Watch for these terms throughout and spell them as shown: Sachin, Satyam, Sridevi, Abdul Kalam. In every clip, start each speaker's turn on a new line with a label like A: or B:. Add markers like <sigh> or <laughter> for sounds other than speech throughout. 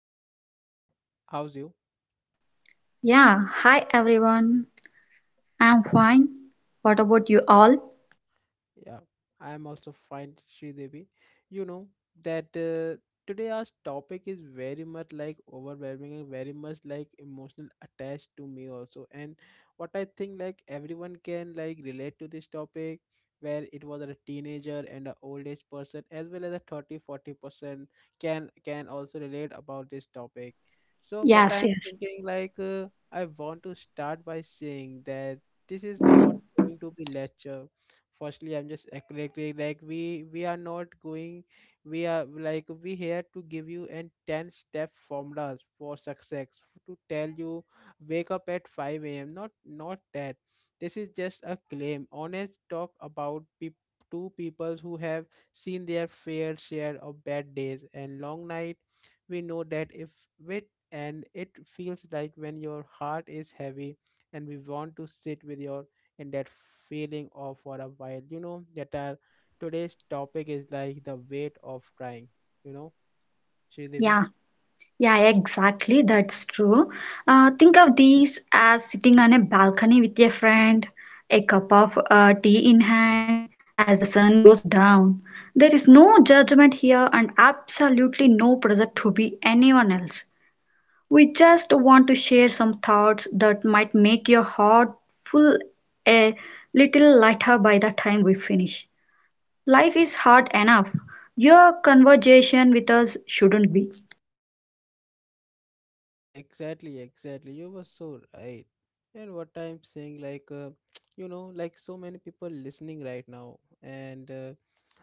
A: So Shri Devi, how's you?
B: Yeah, hi everyone. I'm fine. What about you all?
A: Yeah, I am also fine, Devi. You know that today our topic is very much like overwhelming and very much like emotional attached to me also. And what I think like everyone can like relate to this topic where it was a teenager and an old age person as well as a 30-40% can also relate about this topic. So what I
B: Yes,
A: am
B: yes.
A: thinking like I want to start by saying that this is not going to be lecture firstly I'm just accurately like we are not going we are like we here to give you an 10 step formulas for success to tell you wake up at 5 a.m not that. This is just a claim honest talk about peop two people who have seen their fair share of bad days and long night. We know that if with, and it feels like when your heart is heavy and we want to sit with your and that feeling of for a while. You know that our today's topic is like the weight of trying. You know, Sridevi.
B: Yeah, yeah, exactly. That's true. Think of these as sitting on a balcony with a friend, a cup of tea in hand as the sun goes down. There is no judgment here and absolutely no pressure to be anyone else. We just want to share some thoughts that might make your heart full a little lighter by the time we finish. Life is hard enough. Your conversation with us shouldn't be.
A: Yeah, exactly, exactly. You were so right. And what I'm saying, like, <tsk> like so many people listening right now, and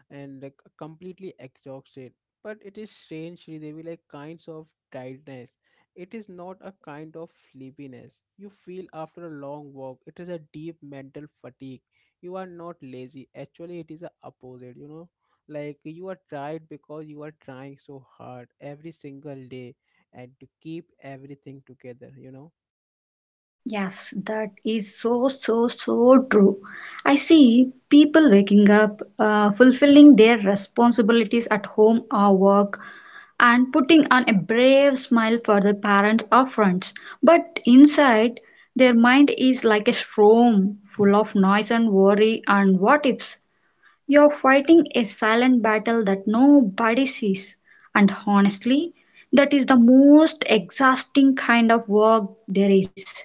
A: and uh, completely exhausted. But it is strange, Sridevi, like kinds of tiredness. It is not a kind of sleepiness you feel after a long walk. It is a deep mental fatigue. You are not lazy. Actually, it is a opposite. You know, like you are tired because you are trying so hard every single day and to keep everything together, you know?
B: Yes, that is so, so, so true. I see people waking up, fulfilling their responsibilities at home or work, and putting on a brave smile for their parents or friends. But inside, their mind is like a storm full of noise and worry and what ifs. You're fighting a silent battle that nobody sees, and honestly, that is the most exhausting kind of work there is.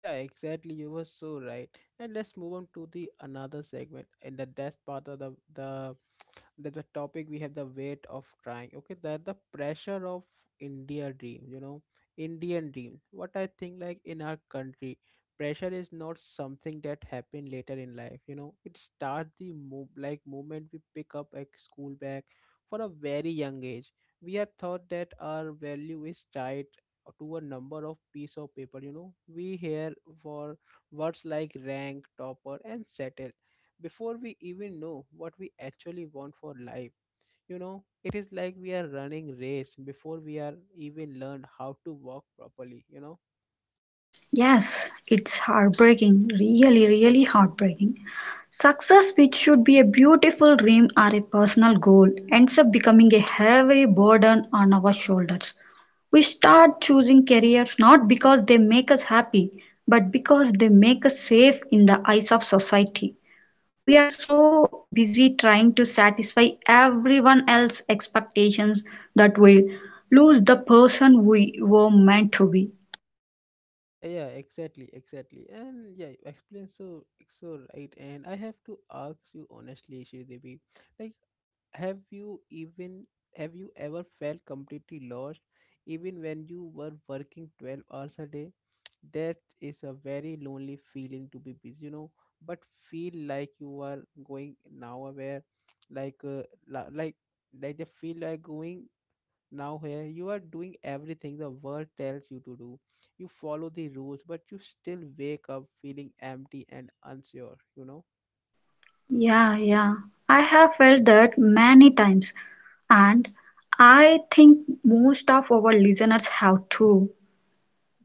A: Yeah, exactly. You were so right. And let's move on to the another segment. In the desk part of the that the topic we have the weight of trying, okay, that the pressure of India dream, you know, Indian dream. What I think like in our country pressure is not something that happen later in life, you know. It starts the move like moment we pick up a school bag. For a very young age we are taught that our value is tied to a number of piece of paper, you know. We hear for words like rank, topper and settle before we even know what we actually want for life. You know it is like we are running race before we are even learned how to walk properly, you know.
B: Yes, it's heartbreaking, really, really heartbreaking. Success, which should be a beautiful dream or a personal goal, ends up becoming a heavy burden on our shoulders. We start choosing careers not because they make us happy, but because they make us safe in the eyes of society. We are so busy trying to satisfy everyone else's expectations that we lose the person we were meant to be.
A: Yeah, yeah, exactly, exactly. And yeah, you explain so so right. And I have to ask you honestly, Shridevi, like have you even have you ever felt completely lost even when you were working 12 hours a day? That is a very lonely feeling to be busy, you know, but feel like you are going nowhere, <tsk> like like they feel like going now here. You are doing everything the world tells you to do. You follow the rules, but you still wake up feeling empty and unsure, you know?
B: Yeah, yeah. I have felt that many times, and I think most of our listeners have too.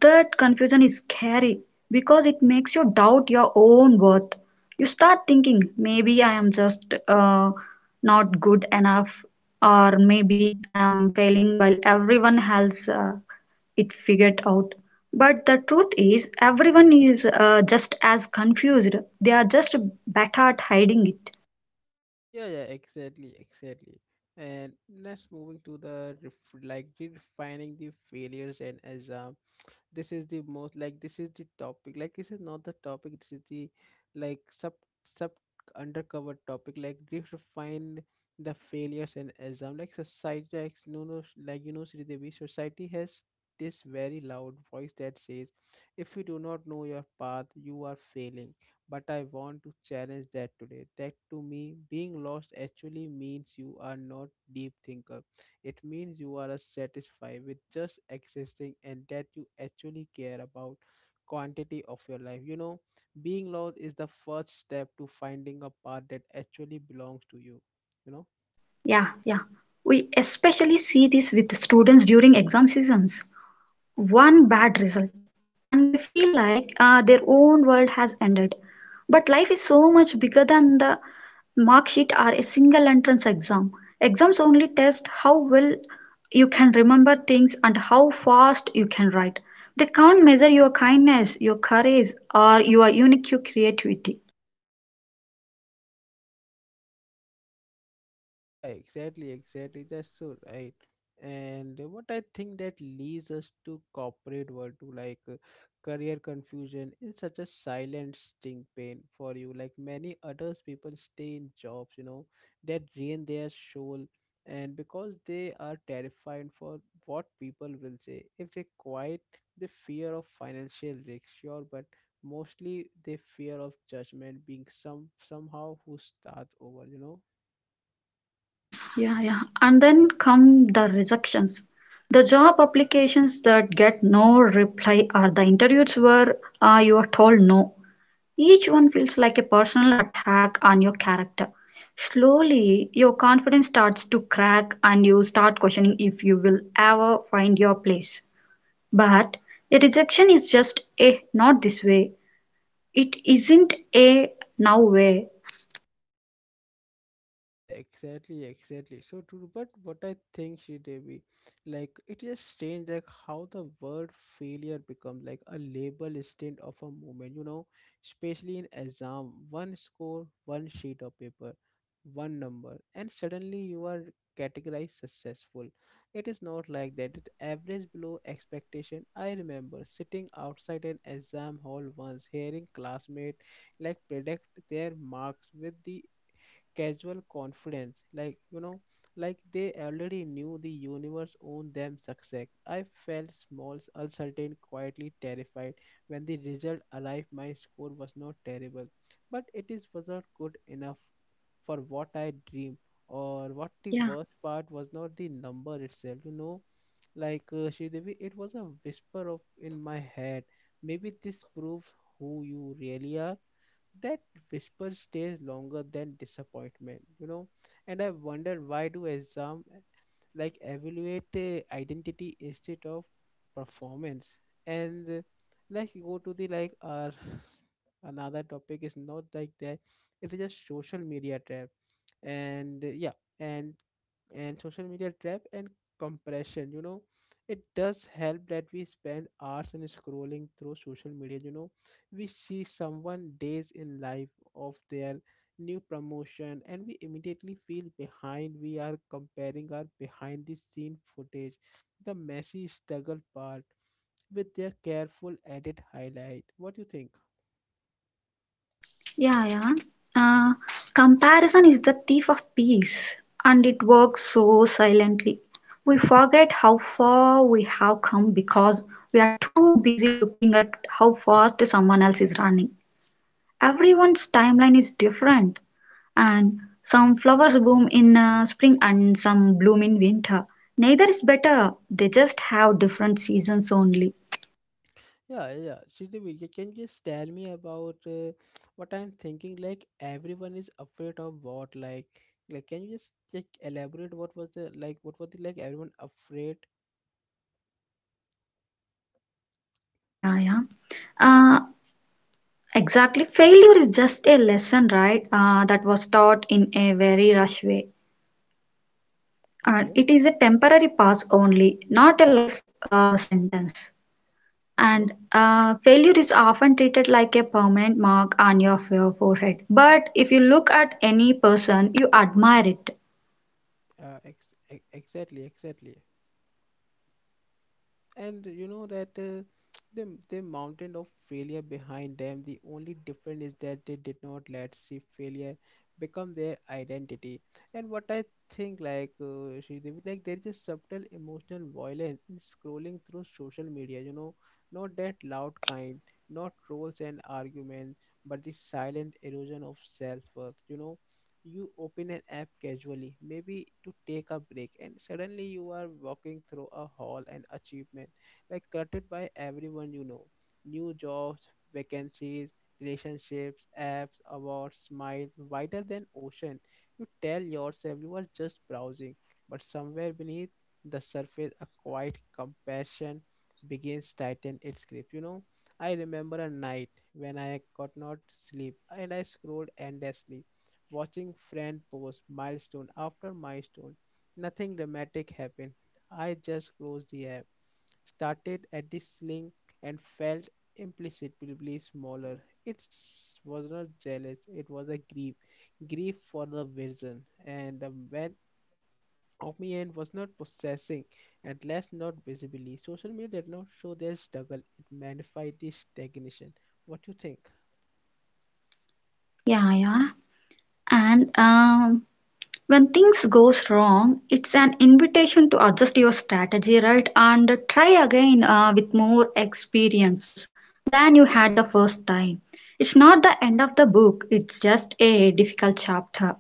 B: That confusion is scary because it makes you doubt your own worth. You start thinking, maybe I am just not good enough, or maybe I am failing while everyone else it figured out. But the truth is, everyone is just as confused. They are just better at hiding it.
A: Yeah, yeah, exactly, exactly. And let's moving to the like redefining the failures and exams. This is the most like this is the topic, like this is not the topic, this is the like sub undercover topic like they define the failures and exam like society like no like you know, Sri Devi, society has this very loud voice that says if you do not know your path you are failing. But I want to challenge that today, that to me being lost actually means you are not deep thinker. It means you are satisfied with just existing and that you actually care about quantity of your life. You know, being lost is the first step to finding a path that actually belongs to you. You know.
B: Yeah, yeah. We especially see this with students during exam seasons. One bad result and they feel like their own world has ended. But life is so much bigger than the mark sheet or a single entrance exam. Exams only test how well you can remember things and how fast you can write. They can't measure your kindness, your courage, or your unique creativity.
A: Yeah, exactly, exactly. That's so right. And what I think that leads us to corporate world to like career confusion is such a silent sting pain for you. Like many others, people stay in jobs, you know, that drain their soul, and because they are terrified for what people will say. If they quiet the fear of financial risk, sure, but mostly the fear of judgment being somehow who start over, you know.
B: Yeah, yeah. And then come the rejections. The job applications that get no reply are the interviews where you are told no. Each one feels like a personal attack on your character. Slowly, your confidence starts to crack and you start questioning if you will ever find your place. But a rejection is just a not this way. It isn't a now way.
A: Yeah, exactly, exactly. So true. But what I think, she Devi, like it is strange, like how the word failure becomes like a label instead of a moment. You know, especially in exam, one score, one sheet of paper, one number, and suddenly you are categorized successful. It is not like that. It average below expectation. I remember sitting outside an exam hall once, hearing classmate like predict their marks with the casual confidence, like you know like they already knew the universe owned them success. I felt small, uncertain, quietly terrified. When the result arrived, my score was not terrible, but it is was not good enough for what I dreamed, or what the
B: Yeah.
A: worst part was not the number itself, you know. Like Sridevi, it was a whisper of in my head. Maybe this proves who you really are. That whisper stays longer than disappointment, you know. And I wonder, why do exam like evaluate identity instead of performance? And like you go to the like our <laughs> another topic is not like that. It's just social media trap. And yeah. and and social media trap and compression, you know. It does help that we spend hours in scrolling through social media, you know. We see someone days in life of their new promotion and we immediately feel behind. We are comparing our behind the scene footage, the messy struggle part, with their careful edit highlight. What do you think?
B: Yeah, yeah. Uh, Comparison is the thief of peace, and it works so silently. We forget how far we have come because we are too busy looking at how fast someone else is running. Everyone's timeline is different, and some flowers bloom in spring and some bloom in winter. Neither is better, they just have different seasons only.
A: Yeah, yeah, Shridevi, you can you just tell me about what I'm thinking like everyone is afraid of what, like can you just like elaborate what was the like what was the like everyone afraid?
B: Yeah, yeah, yeah. Uh, Exactly. Failure is just a lesson, right? That was taught in a very rush way. And
A: Okay.
B: it is a temporary pass only, not a life sentence.
A: Okay.
B: And failure is often treated like a permanent mark on your forehead. But if you look at any person, you admire it.
A: Exactly, exactly. And you know that <tsk> the mountain of failure behind them, the only difference is that they did not let see failure become their identity. And what I think like Sridevi, like there is a subtle emotional violence in scrolling through social media, you know. Not that loud kind, not trolls and argument, but the silent erosion of self-worth, you know. You open an app casually, maybe to take a break, and suddenly you are walking through a hall and achievement, like cluttered by everyone, you know. New jobs, vacancies, relationships, apps, awards, smile, wider than ocean. You tell yourself you are just browsing, but somewhere beneath the surface, a quiet compassion begins tighten its grip. You know, I remember a night when I could not sleep and I scrolled endlessly watching friend post milestone after milestone. Nothing dramatic happened. I just closed the app, started at the ceiling, and felt implicitly smaller. It was not jealous, it was a grief. Grief for the vision. And the man of me end was not possessing, at least not visibly. Social media did not show their struggle, it magnified the stagnation. What do you think?
B: Yeah, yeah. And when things goes wrong, it's an invitation to adjust your strategy, right? And try again with more experiences than you had the first time. It's not the end of the book, it's just a difficult chapter.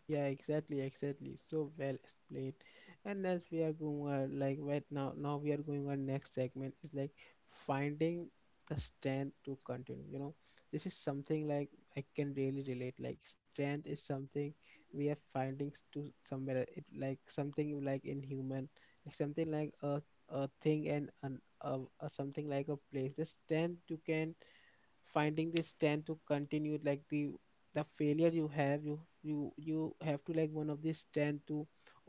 A: Yeah, exactly, exactly. So well explained. And as we are going on, like right now, now we are going on next segment is like finding the strength to continue. You know, this is something like I can really relate. Like strength is something we are finding to somewhere. It like something like in human, like something like a thing and an a something like a place. The strength you can finding the strength to continue like the failure you have you have to like one of the strength to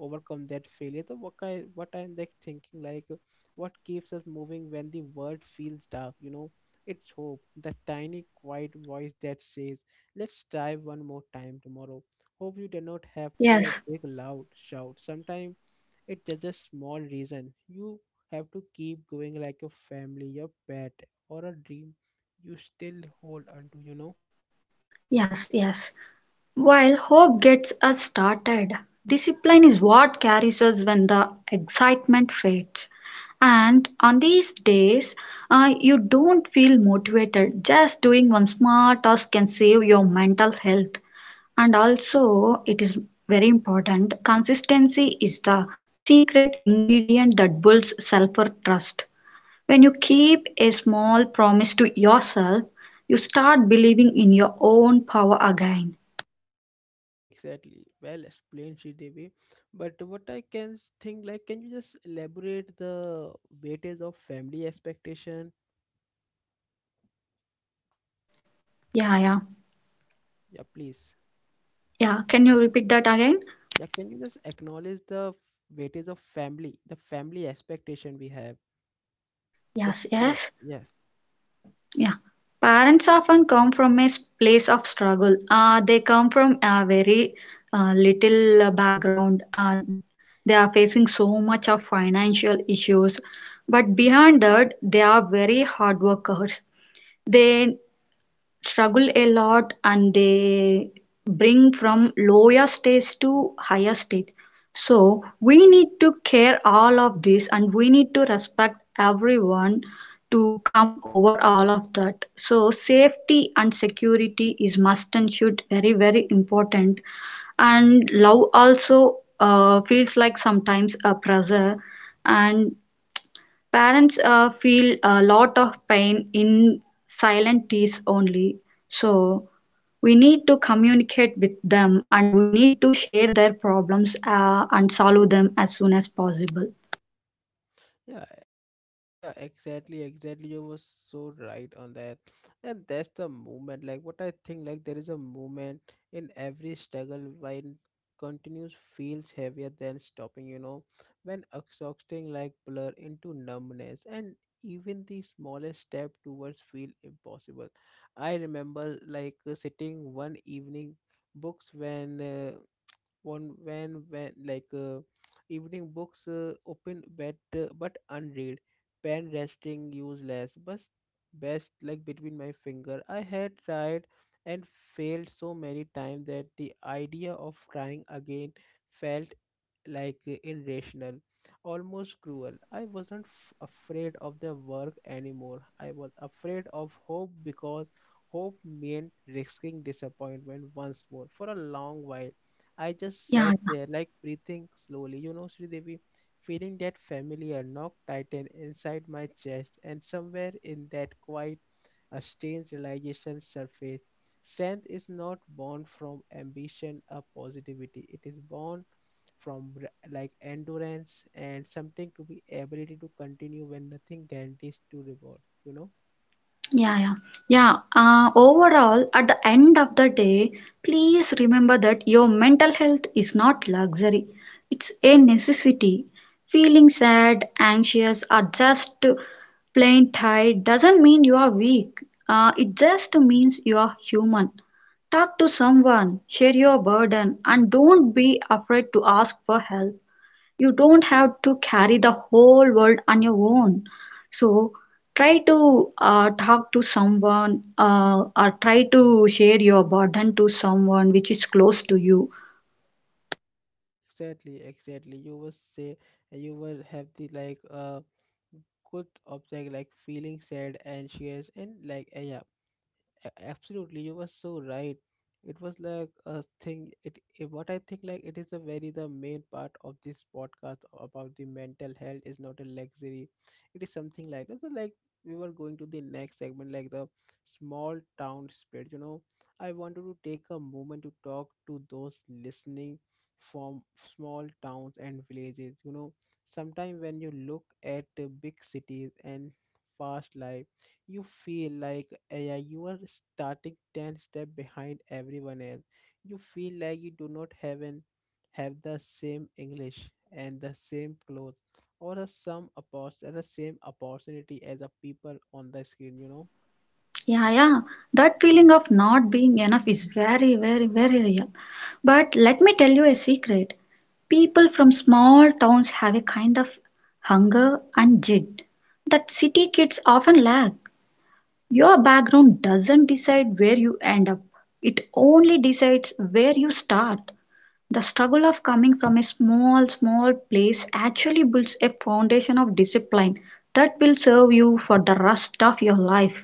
A: overcome that failure. So what kind, what I'm like thinking like what keeps us moving when the world feels dark, you know? It's hope, the tiny quiet voice that says let's try one more time tomorrow. Hope you do not have to a
B: Yes,
A: big loud shout sometimes. It's just a small reason you have to keep going, like your family, your pet, or a dream you still hold on to, you know?
B: yes, yes. While hope gets us started, discipline is what carries us when the excitement fades. And on these days, you don't feel motivated. Just doing one small task can save your mental health. And also, it is very important consistency is the secret ingredient that builds self trust. When you keep a small promise to yourself, you start believing in your own power again.
A: Yeah, exactly. Well explained, Sridevi. But what I can think, like, can you just elaborate the weightage of family expectation?
B: Yeah, yeah.
A: Yeah, please.
B: Yeah, can you repeat that again?
A: Yeah, can you just acknowledge the weightage of family, the family expectation we have, the
B: Yes,
A: strength?
B: yes.
A: Yes.
B: Yeah. Parents often come from a place of struggle. They come from a very little background. They are facing so much of financial issues. But behind that, they are very hard workers. They struggle a lot and they bring from lower stage to higher stage. So we need to care all of this and we need to respect everyone to come over all of that, so safety and security is must and should very, very important. And love also feels like sometimes a pressure. And parents feel a lot of pain in silent tears only. So we need to communicate with them and we need to share their problems and solve them as soon as possible.
A: Yeah. Yeah, exactly, exactly. You were so right on that. And that's the movement. Like what I think, like there is a movement in every struggle when continues feels heavier than stopping, you know, when exhausting like blur into numbness and even the smallest step towards feel impossible. I remember sitting one evening books when one when like evening books open but unread, pen resting useless but best like between my finger. I had tried and failed so many times that the idea of trying again felt irrational, almost cruel. I wasn't afraid of the work anymore. I was afraid of hope because hope meant risking disappointment once more. For a long while I just
B: Yeah,
A: sat there, like breathing slowly, you know, Sridevi, feeling that familiar knock tighten inside my chest, and somewhere in that quiet, a strange realization surfaced. Strength is not born from ambition or positivity, it is born from like endurance and something to be ability to continue when nothing guarantees to reward, you know.
B: Yeah, yeah, yeah. Overall, at the end of the day, please remember that your mental health is not luxury, it's a necessity. Feeling sad, anxious, or just plain tired doesn't mean you are weak, it just means you are human. Talk to someone, share your burden, and don't be afraid to ask for help. You don't have to carry the whole world on your own. So try to talk to someone, or try to share your burden to someone which is close to you.
A: Exactly, exactly. You were say you will have the good of like feeling sad, anxious, and yeah, absolutely, you were so right. It was like a thing, it what I think, like it is a very the main part of this podcast about the mental health is not a luxury, it is something like that. So like we were going to the next segment, like the small town spirit, you know. I wanted to take a moment to talk to those listening from small towns and villages, you know. Sometimes when you look at the big cities and fast life you feel yeah, you are starting 10 step behind everyone else. You feel like you do not have an have the same English and the same clothes, or the the same opportunity as the people on the screen, you know.
B: Yeah, yeah. That feeling of not being enough is very, very, very real. But let me tell you a secret. People from small towns have a kind of hunger and jid that city kids often lack. Your background doesn't decide where you end up, it only decides where you start. The struggle of coming from a small, small place actually builds a foundation of discipline that will serve you for the rest of your life.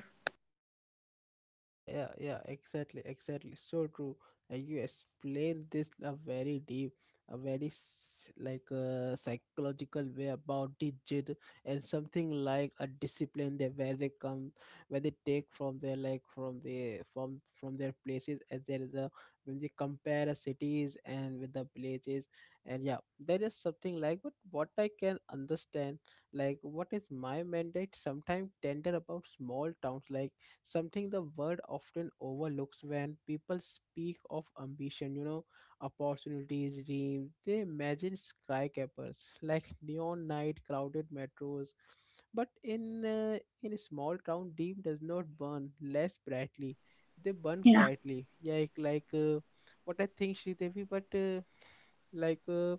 A: Yeah, yeah, yeah, exactly, exactly. So true. And you explain this in a very deep, like a psychological way about digit and something like a discipline that where they come, where they take from their like from their places, as there is a when they compare a cities and with the villages. And yeah, there is something like, but what I can understand like what is my mandate sometimes tender about small towns, like something the world often overlooks. When people speak of ambition, you know, opportunities, dreams, they imagine skyscrapers like neon night, crowded metros. But in a small town, dream does not burn less brightly. They burn
B: Yeah,
A: quietly. Yeah, what I think, Sridevi, but. Like uh,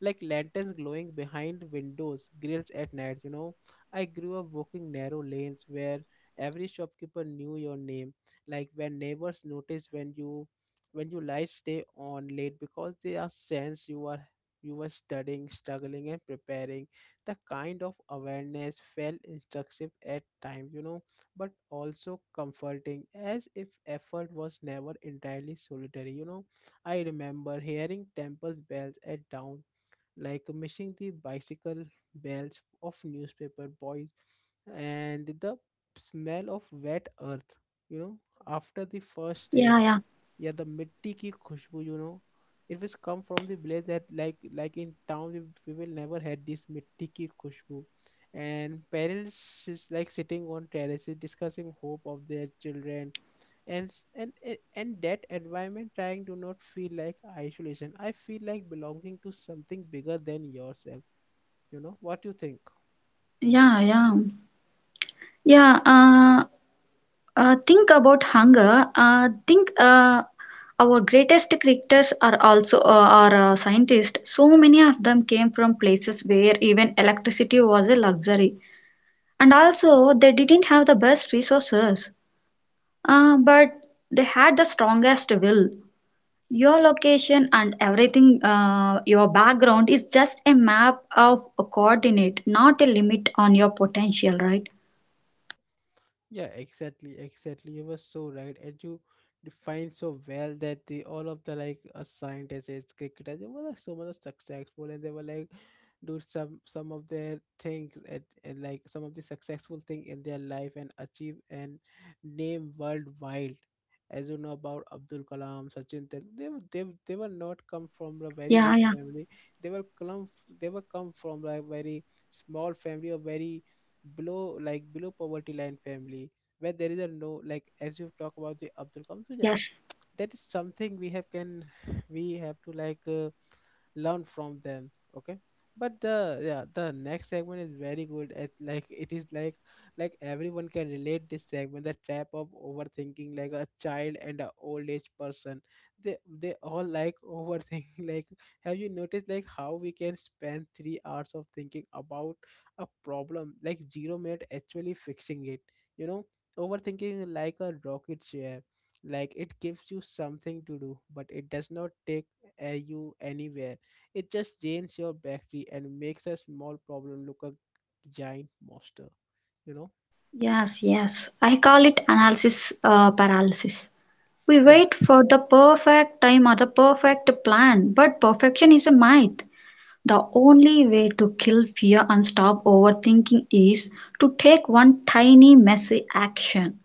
A: like lanterns glowing behind windows grills at night, you know. I grew up walking narrow lanes where every shopkeeper knew your name, like when neighbors noticed when you light stay on late because they are sense you are you were studying, struggling and preparing. The kind of awareness felt instructive at times, you know, but also comforting, as if effort was never entirely solitary, you know. I remember hearing temple's bells at dawn, like missing the bicycle bells of newspaper boys, and the smell of wet earth, you know, after the first rain.
B: yeah, yeah,
A: Yeah, the mitti ki khushbu, you know. It was come from the place that like in town we will never had this mitti ki khushbu. And parents is like sitting on terraces discussing hope of their children, and s- and a- and that environment trying do not feel like isolation. I feel like belonging to something bigger than yourself. You know what you think?
B: yeah. Yeah, uh, think about hunger. Think Our greatest creators are also are scientists. So many of them came from places where even electricity was a luxury, and also they didn't have the best resources, but they had the strongest will. Your location and everything, your background is just a map of a coordinate, not a limit on your potential, right?
A: Yeah, exactly, exactly. You were so right, and you defined so well that they all of the scientists, cricketers, they were like so much successful, and they were like do some of their things at, and like some of the successful thing in their life and achieve and name worldwide. As you know about Abdul Kalam, Sachin, Tel- they were not come from a very rich
B: Yeah, yeah,
A: family. They were come they were come from like very small family, or very below like below poverty line family, where there is a no like, as you
B: yes.
A: talk about the Abdul Kalam. So yeah, that is something we have can <sighs> <laughs> we have to learn from them. Okay, but the yeah, the next segment is very good. It like it is like everyone can relate this segment: the trap of overthinking. Like a child and a old age person, they all like overthink <laughs> like have you noticed like how we can spend 3 hours of thinking about a problem like 0-minute actually fixing it, you know? Overthinking is like a rocket ship, like it gives you something to do, but it does not take you anywhere. It just drains your battery and makes a small problem look a giant monster, you know?
B: Yes, yes. I call it analysis paralysis. We wait for the perfect time or the perfect plan, but perfection is a myth. The only way to kill fear and stop overthinking is to take one tiny, messy action.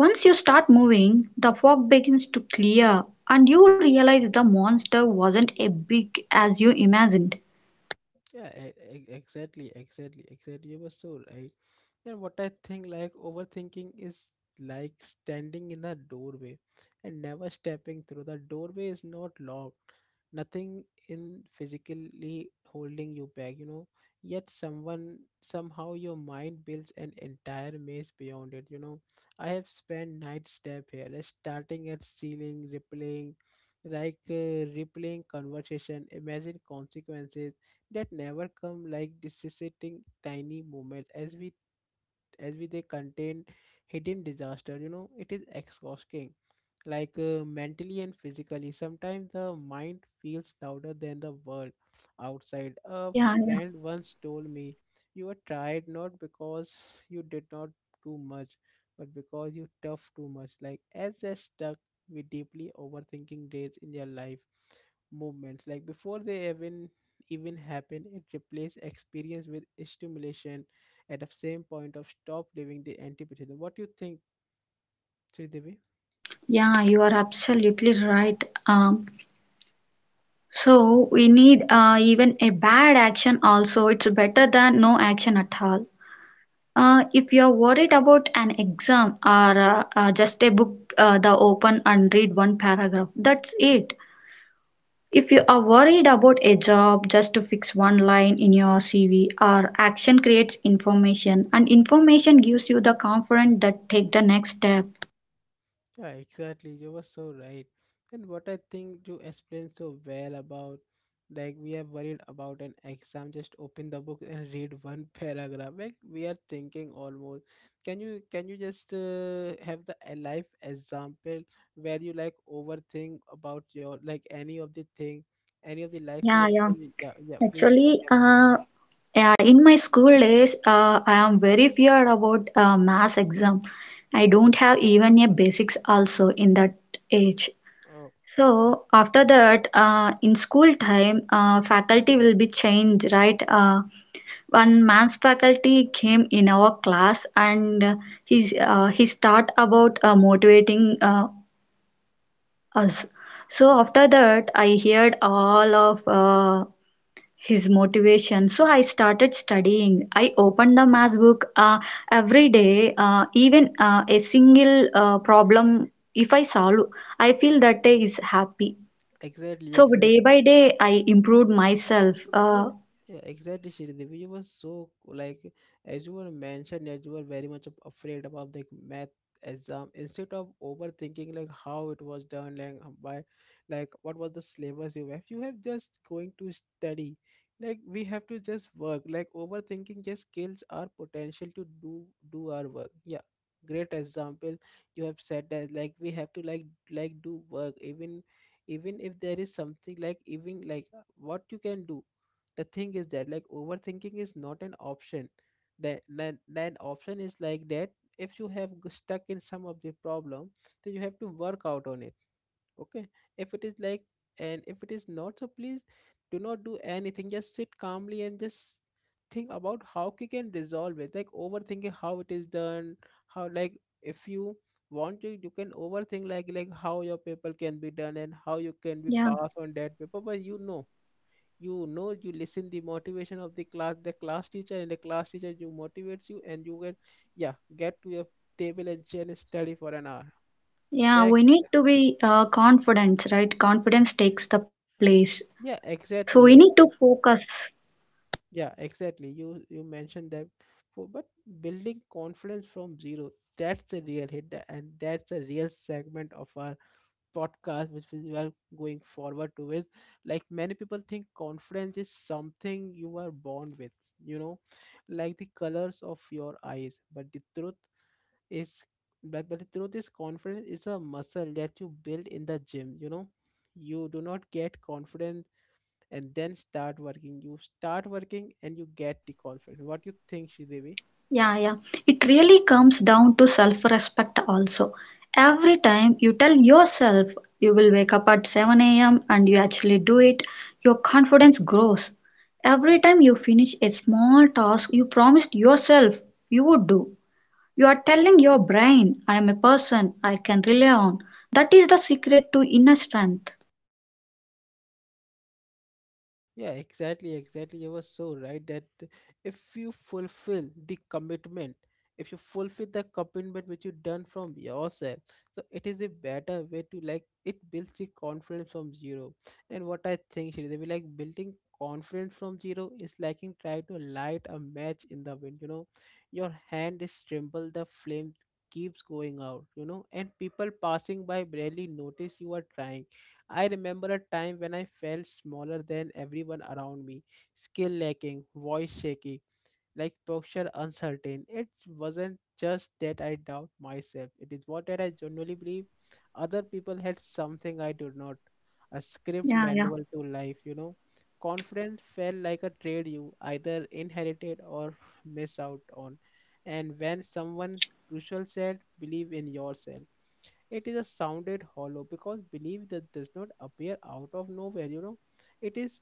B: Once you start moving, the fog begins to clear and you realize the monster wasn't as big as you imagined.
A: Yeah, exactly, exactly, exactly. You were so right. And what I think, like, overthinking is like standing in a doorway and never stepping through. The doorway is not locked, nothing in physically holding you back, you know. Yet, someone somehow your mind builds an entire maze beyond it, you know. I have spent night step here, like, starting at ceiling, replaying, replaying conversation, imagine consequences that never come. Like this is a tiny moment as we they contain hidden disaster, you know. It is exhausting, mentally and physically. Sometimes the mind feels louder than the world outside. A
B: Yeah,
A: friend once told me you are tired not because you did not do much, but because you tough too much. Like as they stuck with deeply overthinking days in their life movements like before they even happen. It replaces experience with stimulation at the same point of stop living the anti-patriotism. What do you think, Sridevi?
B: yeah, you are absolutely right. So we need even a bad action also. It's better than no action at all. If you're worried about an exam or just a book, the open and read one paragraph. That's it. If you are worried about a job, just to fix one line in your CV, or action creates information and information gives you the confidence that take the next step.
A: Yeah, exactly. You were so right. And what I think you explained so well about, like we are worried about an exam, just open the book and read one <laughs> paragraph. Like we are thinking almost. Can you just have the a life example where you like overthink about your like any of the thing, any of the life in
B: Yeah,
A: your
B: yeah.
A: can you, yeah yeah please
B: Actually,
A: yeah please.
B: yeah, in my school days, I am very feared about mass exam. I don't have even a basics also in that age.
A: Oh,
B: So after that, in school time, faculty will be changed, right? One man's faculty came in our class and he's, he start about motivating us. So after that, I heard all of his motivation. So I started studying. I opened the math book every day, even a single problem. If I solve, I feel that day is happy.
A: exactly,
B: So
A: exactly.
B: day by day, I improved myself.
A: Yeah, yeah, exactly, Sridevi. You were so like, as you were mentioned, that you were very much afraid about the math exam. Instead of overthinking like how it was done, by, like what was the syllabus you have just going to study. Like we have to just work. Like overthinking just kills our potential to do our work. Yeah, great example you have said that. Like we have to like do work even if there is something like, even like what you can do. The thing is that like overthinking is not an option, that that option is like that if you have stuck in some of the problem, then you have to work out on it. Okay, if it is like, and if it is not, so please do not do anything, just sit calmly and just think about how you can resolve it. Like overthinking how it is done, how like if you want to you can overthink like how your paper can be done and how you can be
B: Yeah,
A: passed on that paper. But you know, you know, you listen the motivation of the class, the class teacher, and the class teacher you motivates you, and you get yeah, get to your table and chair and study for an hour.
B: yeah.
A: That
B: We need to be confident, right? Confidence takes the place.
A: yeah,
B: So we need
A: exactly,
B: to
A: exactly,
B: focus.
A: yeah, exactly, you mentioned that for. But building confidence from zero, that's a real hit, and that's a real segment of our podcast which we are going forward to, is like many people think confidence is something you are born with, you know, like the colors of your eyes. But the truth is but the truth is confidence is a muscle that you build in the gym, you know. You do not get confidence and then start working. You start working and you get the confidence. What you think, Shidevi?
B: Yeah, yeah. It really comes down to self respect also. Every time you tell yourself you will wake up at 7 a.m. and you actually do it, your confidence grows. Every time you finish a small task you promised yourself you would do, you are telling your brain, I am a person I can rely on. That is the secret to inner strength.
A: Yeah, exactly, exactly. You were so right that if you fulfill the commitment, if you fulfill the commitment which you done from yourself, so it is a better way to like it builds the confidence from zero. And what I think, should they be like, building confidence from zero is like in trying to light a match in the wind. You know, your hand is tremble, the flame keeps going out. You know, and people passing by barely notice you are trying. I remember a time when I felt smaller than everyone around me, skill lacking, voice shaky, like posture uncertain. It wasn't just that I doubt myself. It is what that I genuinely believe other people had something I did not. A script
B: Yeah, yeah.
A: manual to life, you know. Confidence felt like a trade you either inherited or miss out on. And when someone crucial said, believe in yourself. It is a sounded hollow because belief that does not appear out of nowhere. You know, it is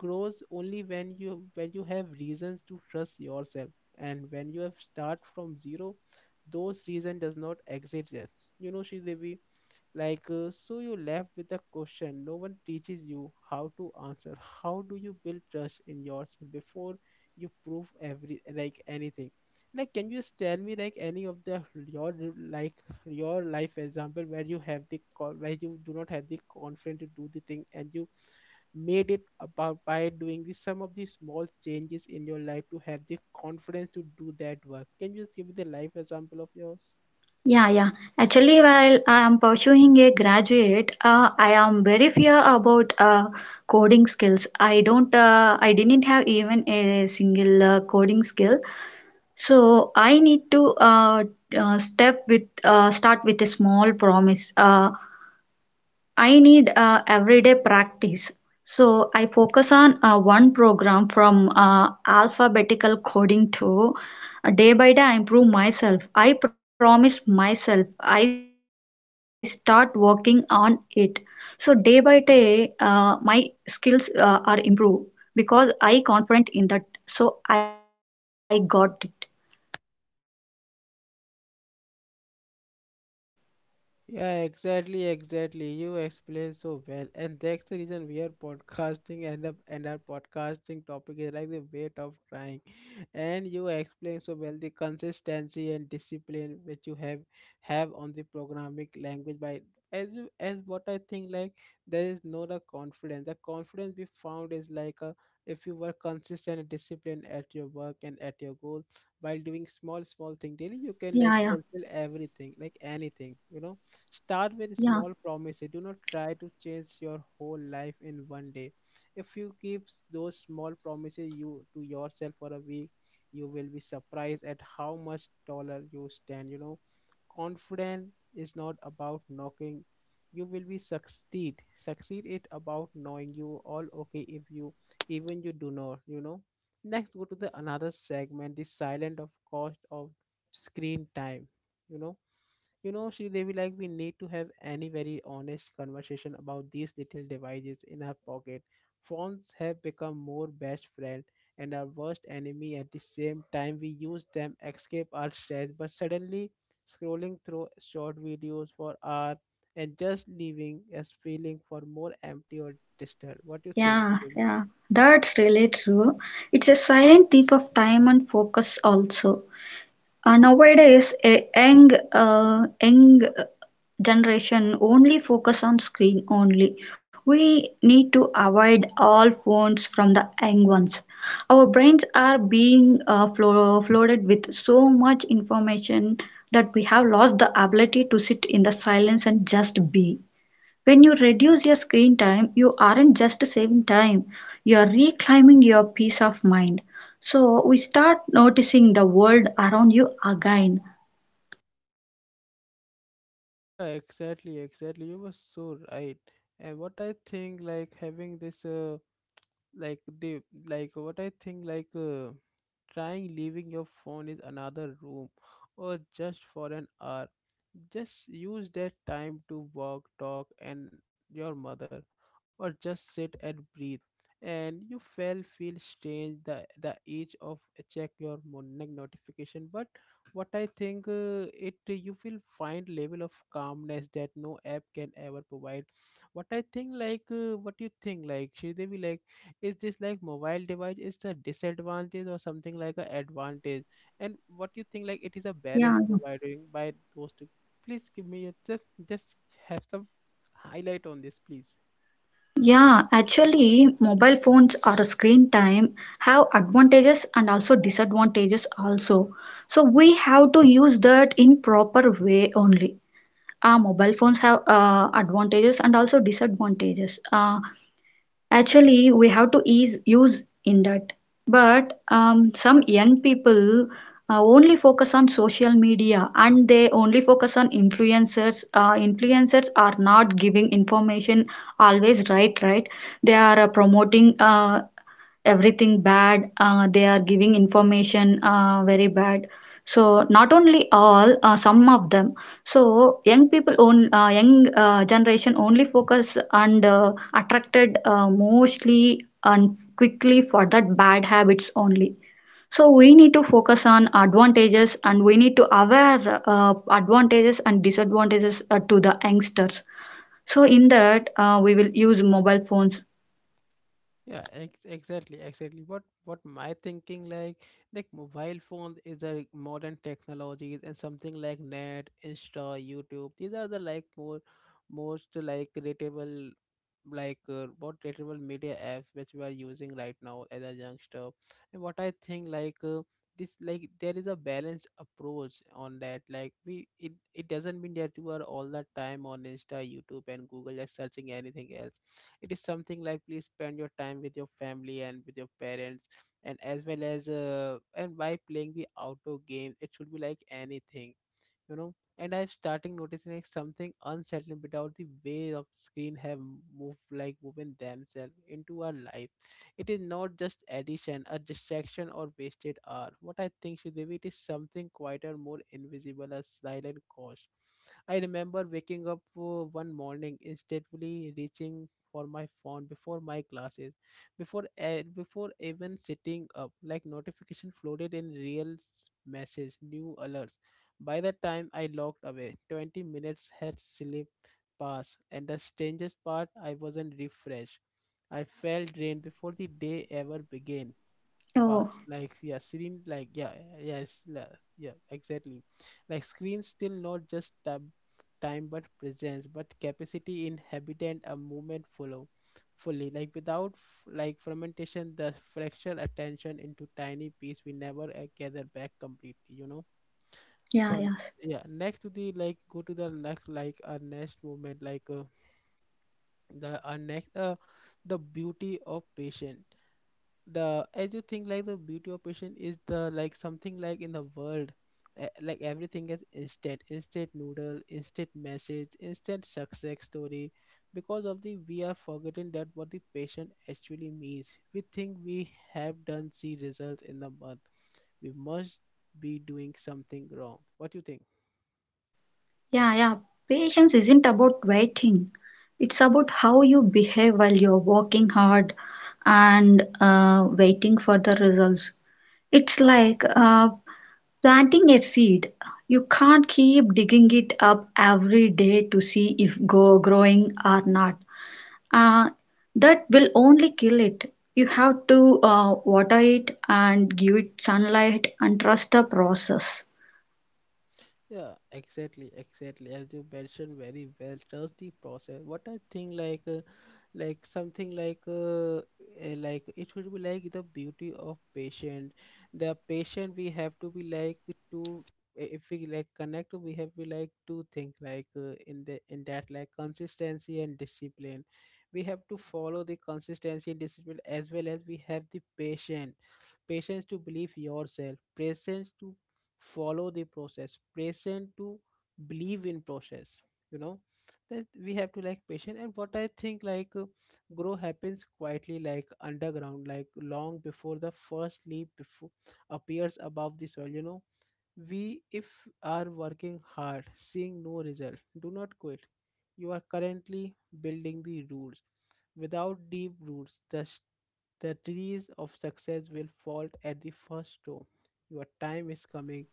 A: grows only when you have reasons to trust yourself, and when you have start from zero, those reason does not exist there, you know, Sri Devi. So you left with a question no one teaches you how to answer. How do you build trust in yourself before you prove every, like, anything? Like, can you just tell me, like, any of the your, like, your life example where you have the where you do not have the confidence to do the thing, and you made it about by doing this some of these small changes in your life to have the confidence to do that work? Can you just give me the life example of yours?
B: Yeah, yeah. Actually, while I am pursuing a graduate, I am very fear about coding skills. I didn't have even a single coding skill. So I need to step with, start with a small promise. I need everyday practice. So I focus on one program from alphabetical coding to day by day I improve myself. I promise myself I start working on it. So day by day my skills are improved because I confident in that. So I got it.
A: Yeah, exactly, exactly. You explain so well, and that's the reason we are podcasting, and the and our podcasting topic is like the weight of trying. And you explain so well the consistency and discipline which you have on the programming language by as what I think, like, there is no the confidence. The confidence we found is like a, if you were consistent and disciplined at your work and at your goals while doing
B: Yeah, yeah,
A: small small thing daily, you can, like, fulfill everything, like anything,
B: yeah,
A: you know. Start with small promises. Do not try to change your whole life in one day. If you keep those small promises you to yourself for a week, you will be surprised at how much taller you stand. You know, confidence is not about knocking. You will be succeed. Succeed it about knowing you all okay if you even you do not, you know. Next go to the another segment, the silent of cost of screen time. You know you know, Sri Devi, like we need to have any very honest conversation about these little devices in our pocket. Phones have become more best friend and our worst enemy at the same time. We use them escape our stress, but suddenly scrolling through short videos for hours and just leaving us feeling for more empty or disturbed. What do you think, Sri
B: yeah,
A: Devi?
B: yeah. That's really true. It's a silent thief of time and focus also. Nowadays, a young generation only focus on screen only. We need to avoid all phones from the young ones. Our brains are being flooded with so much information that we have lost the ability to sit in the silence and just be. When you reduce your screen time, you aren't just saving time, you are reclaiming your peace of mind. So we start noticing the world around you again.
A: Yeah, exactly, exactly. You were so right. And what I think, like, having this like they, like what I think, like trying leaving your phone is another room, or just for an hour, just use that time to walk, talk, and your mother, or just sit and breathe. And you feel strange the age of check your morning notification, but what I think it you will find level of calmness that no app can ever provide. What I think, like, what you think, like, Sridevi, like is this like mobile device is the disadvantage or something like a advantage, and what you think, like it is a
B: Yeah.
A: balance provided by those, please give me a, just have some highlight on this, please.
B: Yeah, actually, mobile phones or screen time have advantages and also disadvantages also. So we have to use that in proper way only. Mobile phones have advantages and also disadvantages. Actually, we have to ease use in that. But some young people only focus on social media and they only focus on influencers. Influencers are not giving information always, right, right? They are promoting everything bad, they are giving information very bad, so not only all, some of them. So young people own, young generation only focus and attracted mostly and quickly for that bad habits only. So we need to focus on advantages and we need to aware advantages and disadvantages to the youngsters. So in that we will use mobile phones.
A: Yeah exactly, exactly, what my thinking like mobile phone is a modern technologies and something like net Insta YouTube, these are the like more most like rateable, like what rateable media apps which we are using right now as a youngster. And what I think, like this like there is a balanced approach on that, like we it doesn't mean that you are all the time on Insta YouTube and Google, like searching anything else. It is something like please spend your time with your family and with your parents, and as well as and by playing the outdoor game, it should be like anything, you know. And I'm starting noticing like something unsettling about the way of screen have moved, like moving themselves into our life. It is not just addition a distraction or wasted hour, what I think should be, it is something quieter, more invisible, a silent cost. I remember waking up one morning, instinctively reaching for my phone before my classes, before even sitting up like notification floated in real message new alerts. By the time I locked away, 20 minutes had slipped past, and the strangest part, I wasn't refreshed. I felt drained before the day ever began.
B: Oh,
A: Past, like, yeah, screen, like, yeah, yes, yeah, exactly. Like, screen still not just time but presence but capacity in a moment follow fully, like without like fermentation the fracture attention into tiny piece we never gather back completely, you know.
B: yeah,
A: Or
B: yeah.
A: yeah, next to the like go to the next, like next movement, like the next the beauty of patient. The as you think like the beauty of patient is the like something like in the world, like everything is instant, instant noodle, instant message, instant success story. Because of the we are forgetting that what the patient actually means. We think we have done see results in the month we must be doing something wrong. What do you think?
B: Yeah, yeah. Patience isn't about waiting. It's about how you behave while you're working hard and waiting for the results. It's like planting a seed. You can't keep digging it up every day to see if go growing or not. Uh, that will only kill it. You have to water it and give it sunlight and trust the process.
A: Yeah, exactly, exactly. As you mentioned very well, trust the process. What I think, like something like, like it should be like the beauty of patient. The patient we have to be like to if we like connect, we have to like two things, like in the in that like consistency and discipline. We have to follow the consistency and discipline as well as we have the patient patience to believe yourself, patience to follow the process, patience to believe in process, you know, that we have to like patient. And what I think like grow happens quietly like underground, like long before the first leaf before appears above the soil, you know. We, if are working hard, seeing no result, do not quit. You are currently building the roots. Without deep roots, the trees of success will fall at the first storm. Your time is coming.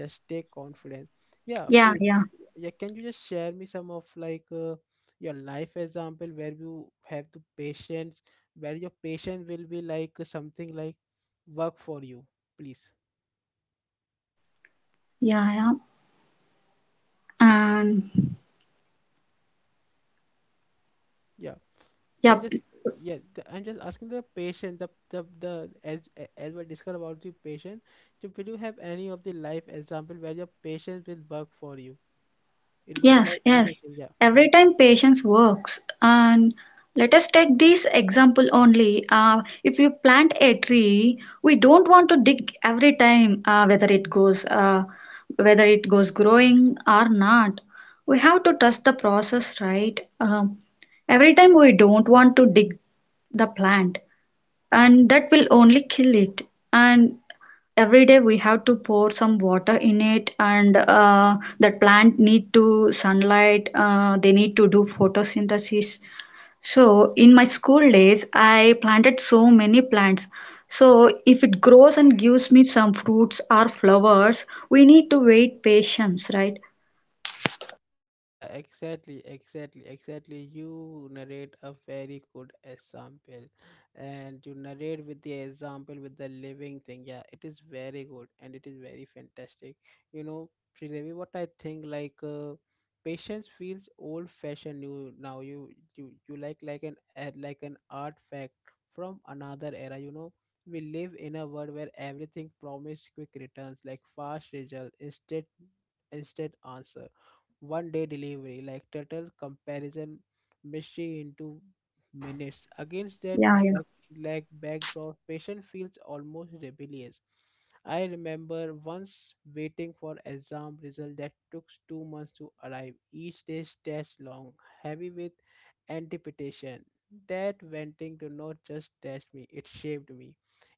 A: Just take confidence. Yeah,
B: Yeah,
A: please.
B: yeah,
A: Yeah, can you just share me some of, like, your life example where you have the patience, where your patience will be like something like work for you, please.
B: yeah, yeah. And
A: Yeah. I'm
B: yeah,
A: just yeah. I'm just asking the patient, the as as we discussed about the patient. So will you have any of the life example where your patience will work for you? It would be
B: yes,
A: like
B: yes.
A: anything, yeah.
B: Every time patience works. And let us take this example only. If you plant a tree, we don't want to dig every time, whether it goes growing or not. We have to trust the process, right? Every time we don't want to dig the plant, and that will only kill it. And every day we have to pour some water in it, and that plant need to sunlight, they need to do photosynthesis. So in my school days I planted so many plants, so if it grows and gives me some fruits or flowers, we need to wait, patience, right?
A: Yeah, exactly, exactly, exactly. You narrate a very good example, and you narrate with the example with the living thing. Yeah, it is very good and it is very fantastic. You know, Sridevi, what I think like patience feels old-fashioned new now. You like an artifact from another era. You know, we live in a world where everything promises quick returns, like fast result, instant answer, one day delivery, like total comparison mystery into minutes against that
B: Yeah, yeah,
A: back like backdrop patient feels almost rebellious. I remember once waiting for exam result that took 2 months to arrive, each day stretched long, heavy with anticipation. That venting do not just test me, it shaped me.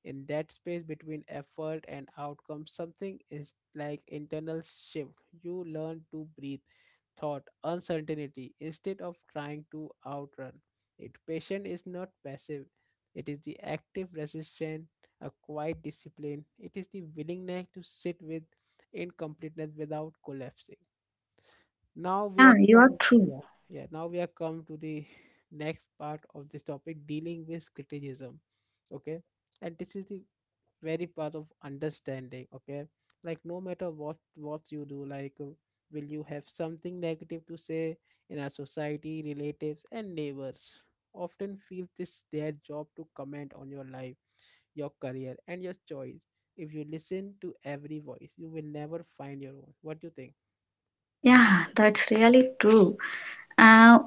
A: In that space between effort and outcome something is like internal shift. You learn to breathe thought uncertainty instead of trying to outrun it. Patience is not passive, it is the active resistance, a quiet discipline, it is the willingness to sit with incompleteness without collapsing. Now we
B: yeah,
A: are
B: you are
A: come,
B: true.
A: yeah, yeah, now we are come to the <laughs> next part of this topic, dealing with criticism. Okay. And this is the very part of understanding. Okay, like no matter what you do, like will you have something negative to say in our society. Relatives and neighbors often feel this their job to comment on your life, your career, and your choice. If you listen to every voice you will never find your own. What do you think?
B: Yeah, that's really true. uh,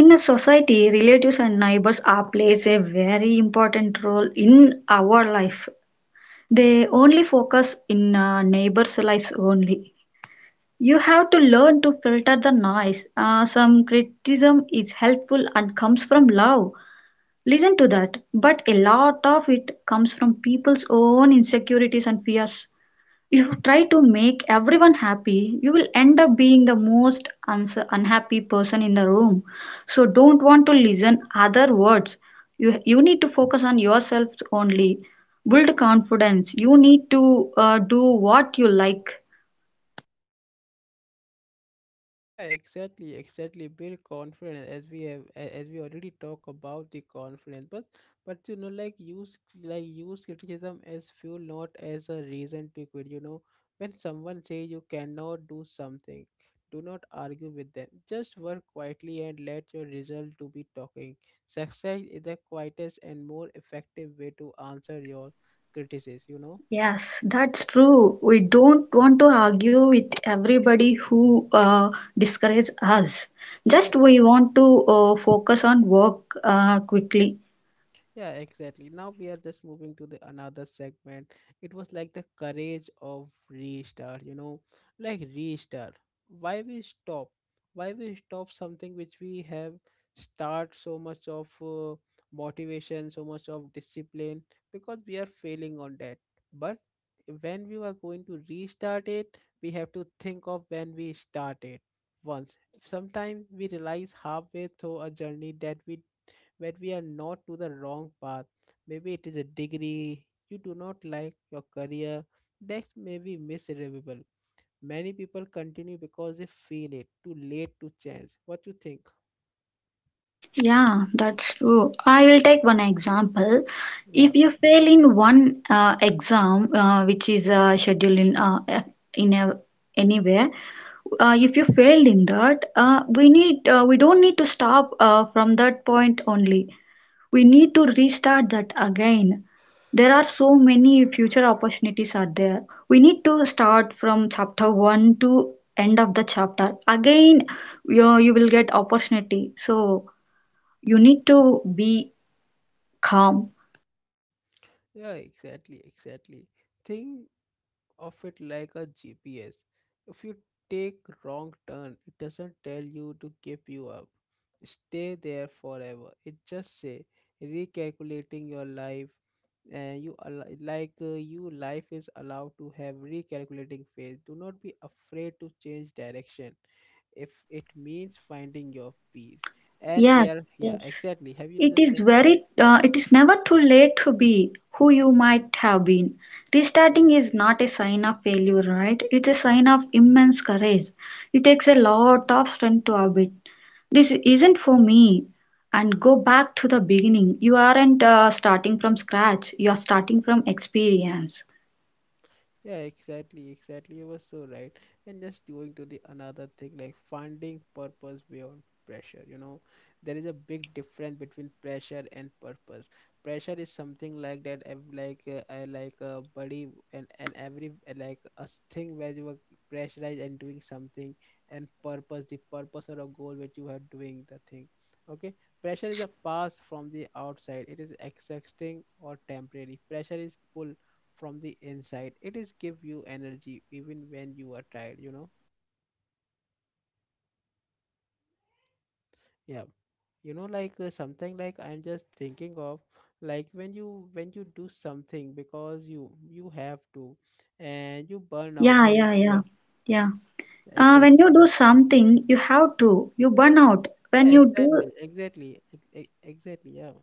B: In a society, relatives and neighbors are plays a very important role in our life. They only focus in neighbors' lives only. You have to learn to filter the noise. Some criticism is helpful and comes from love. Listen to that. But a lot of it comes from people's own insecurities and fears. If you try to make everyone happy, you will end up being the most unhappy person in the room. So don't want to listen other words. You need to focus on yourself only. Build confidence. You need to do what you like.
A: Yeah, exactly, exactly. Build confidence as we as we already talk about the confidence, but you know, like use criticism as fuel, not as a reason to quit. You know, when someone say you cannot do something, do not argue with them. Just work quietly and let your result to be talking. Success is the quietest and more effective way to answer your criticism. You know.
B: Yes, that's true. We don't want to argue with everybody who uh, discourages us. Just we want to focus on work quickly.
A: Yeah, exactly. Now we are just moving to the another segment. It was like the courage of restart, you know, like restart. Why we stop? Why we stop something which we have start so much of motivation, so much of discipline, because we are failing on that. But when we are going to restart it, we have to think of when we start it once. Sometimes we realize halfway through a journey that we where we are not to the wrong path. Maybe it is a degree you do not like, your career, that's maybe miserable. Many people continue because they feel it too late to change. What you think?
B: Yeah, that's true. I will take one example.
A: Yeah.
B: If you fail in one exam, which is scheduled in anywhere, if you failed in that, uh, we don't need to stop from that point only. We need to restart that again. There are so many future opportunities are there. We need to start from chapter one to end of the chapter. Again, you will get opportunity. So you need to be calm.
A: Yeah, exactly, exactly. Thing of it like a GPS. If you take wrong turn, it doesn't tell you to keep you up. Stay there forever. It just say recalculating your life and you al- like you life is allowed to have recalculating phase. Do not be afraid to change direction if it means finding your peace. And we
B: Yes,
A: are, yeah, exactly. Have you done
B: it
A: the
B: is
A: same?
B: very, it is never too late to be who you might have been. Restarting is not a sign of failure, right? It's a sign of immense courage. It takes a lot of strength to admit, this isn't for me, and go back to the beginning. You aren't starting from scratch, you are starting from experience.
A: Yeah, exactly, exactly. You were so right. And just going to the another thing, like finding purpose beyond pressure. There is a big difference between pressure and purpose. Pressure is something like that, I like a body and every thing where you are pressurized and doing something, and purpose, the purpose or a goal which you are doing the thing. Okay, pressure is a pass from the outside. It is exhausting or temporary. Pressure is pull from the inside, it is give you energy even when you are tired, yeah. Something like I'm just thinking of, like when you do something because you have to and you burn out
B: Yeah,
A: when,
B: yeah, yeah,
A: yeah,
B: yeah. When
A: exactly,
B: you do something, you have to. You burn out. When
A: yeah,
B: you do.
A: exactly exactly, yeah.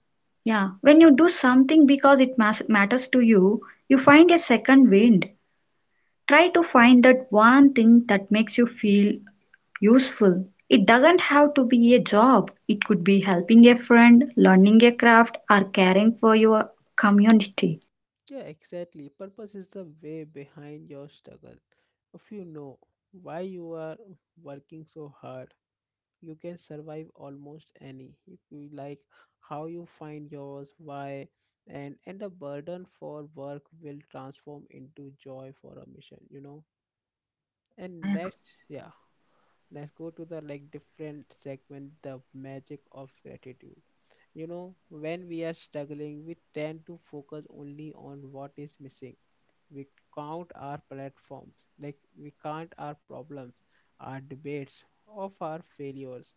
B: Yeah, when you do something because it matters to you, you find a second wind. Try to find that one thing that makes you feel useful. It doesn't have to be a job, it could be helping a friend, learning a craft, or caring for your community.
A: Yeah, exactly, purpose is the way behind your struggle. If you know why you are working so hard, you can survive almost any, you like how you find yours why. And the burden for work will transform into joy for a mission,
B: Yeah,
A: and
B: yeah,
A: next, yeah, let's go to the like different segment, the magic of gratitude. You know, when we are struggling, we tend to focus only on what is missing. We count our platforms, like we count our problems, our debates of our failures.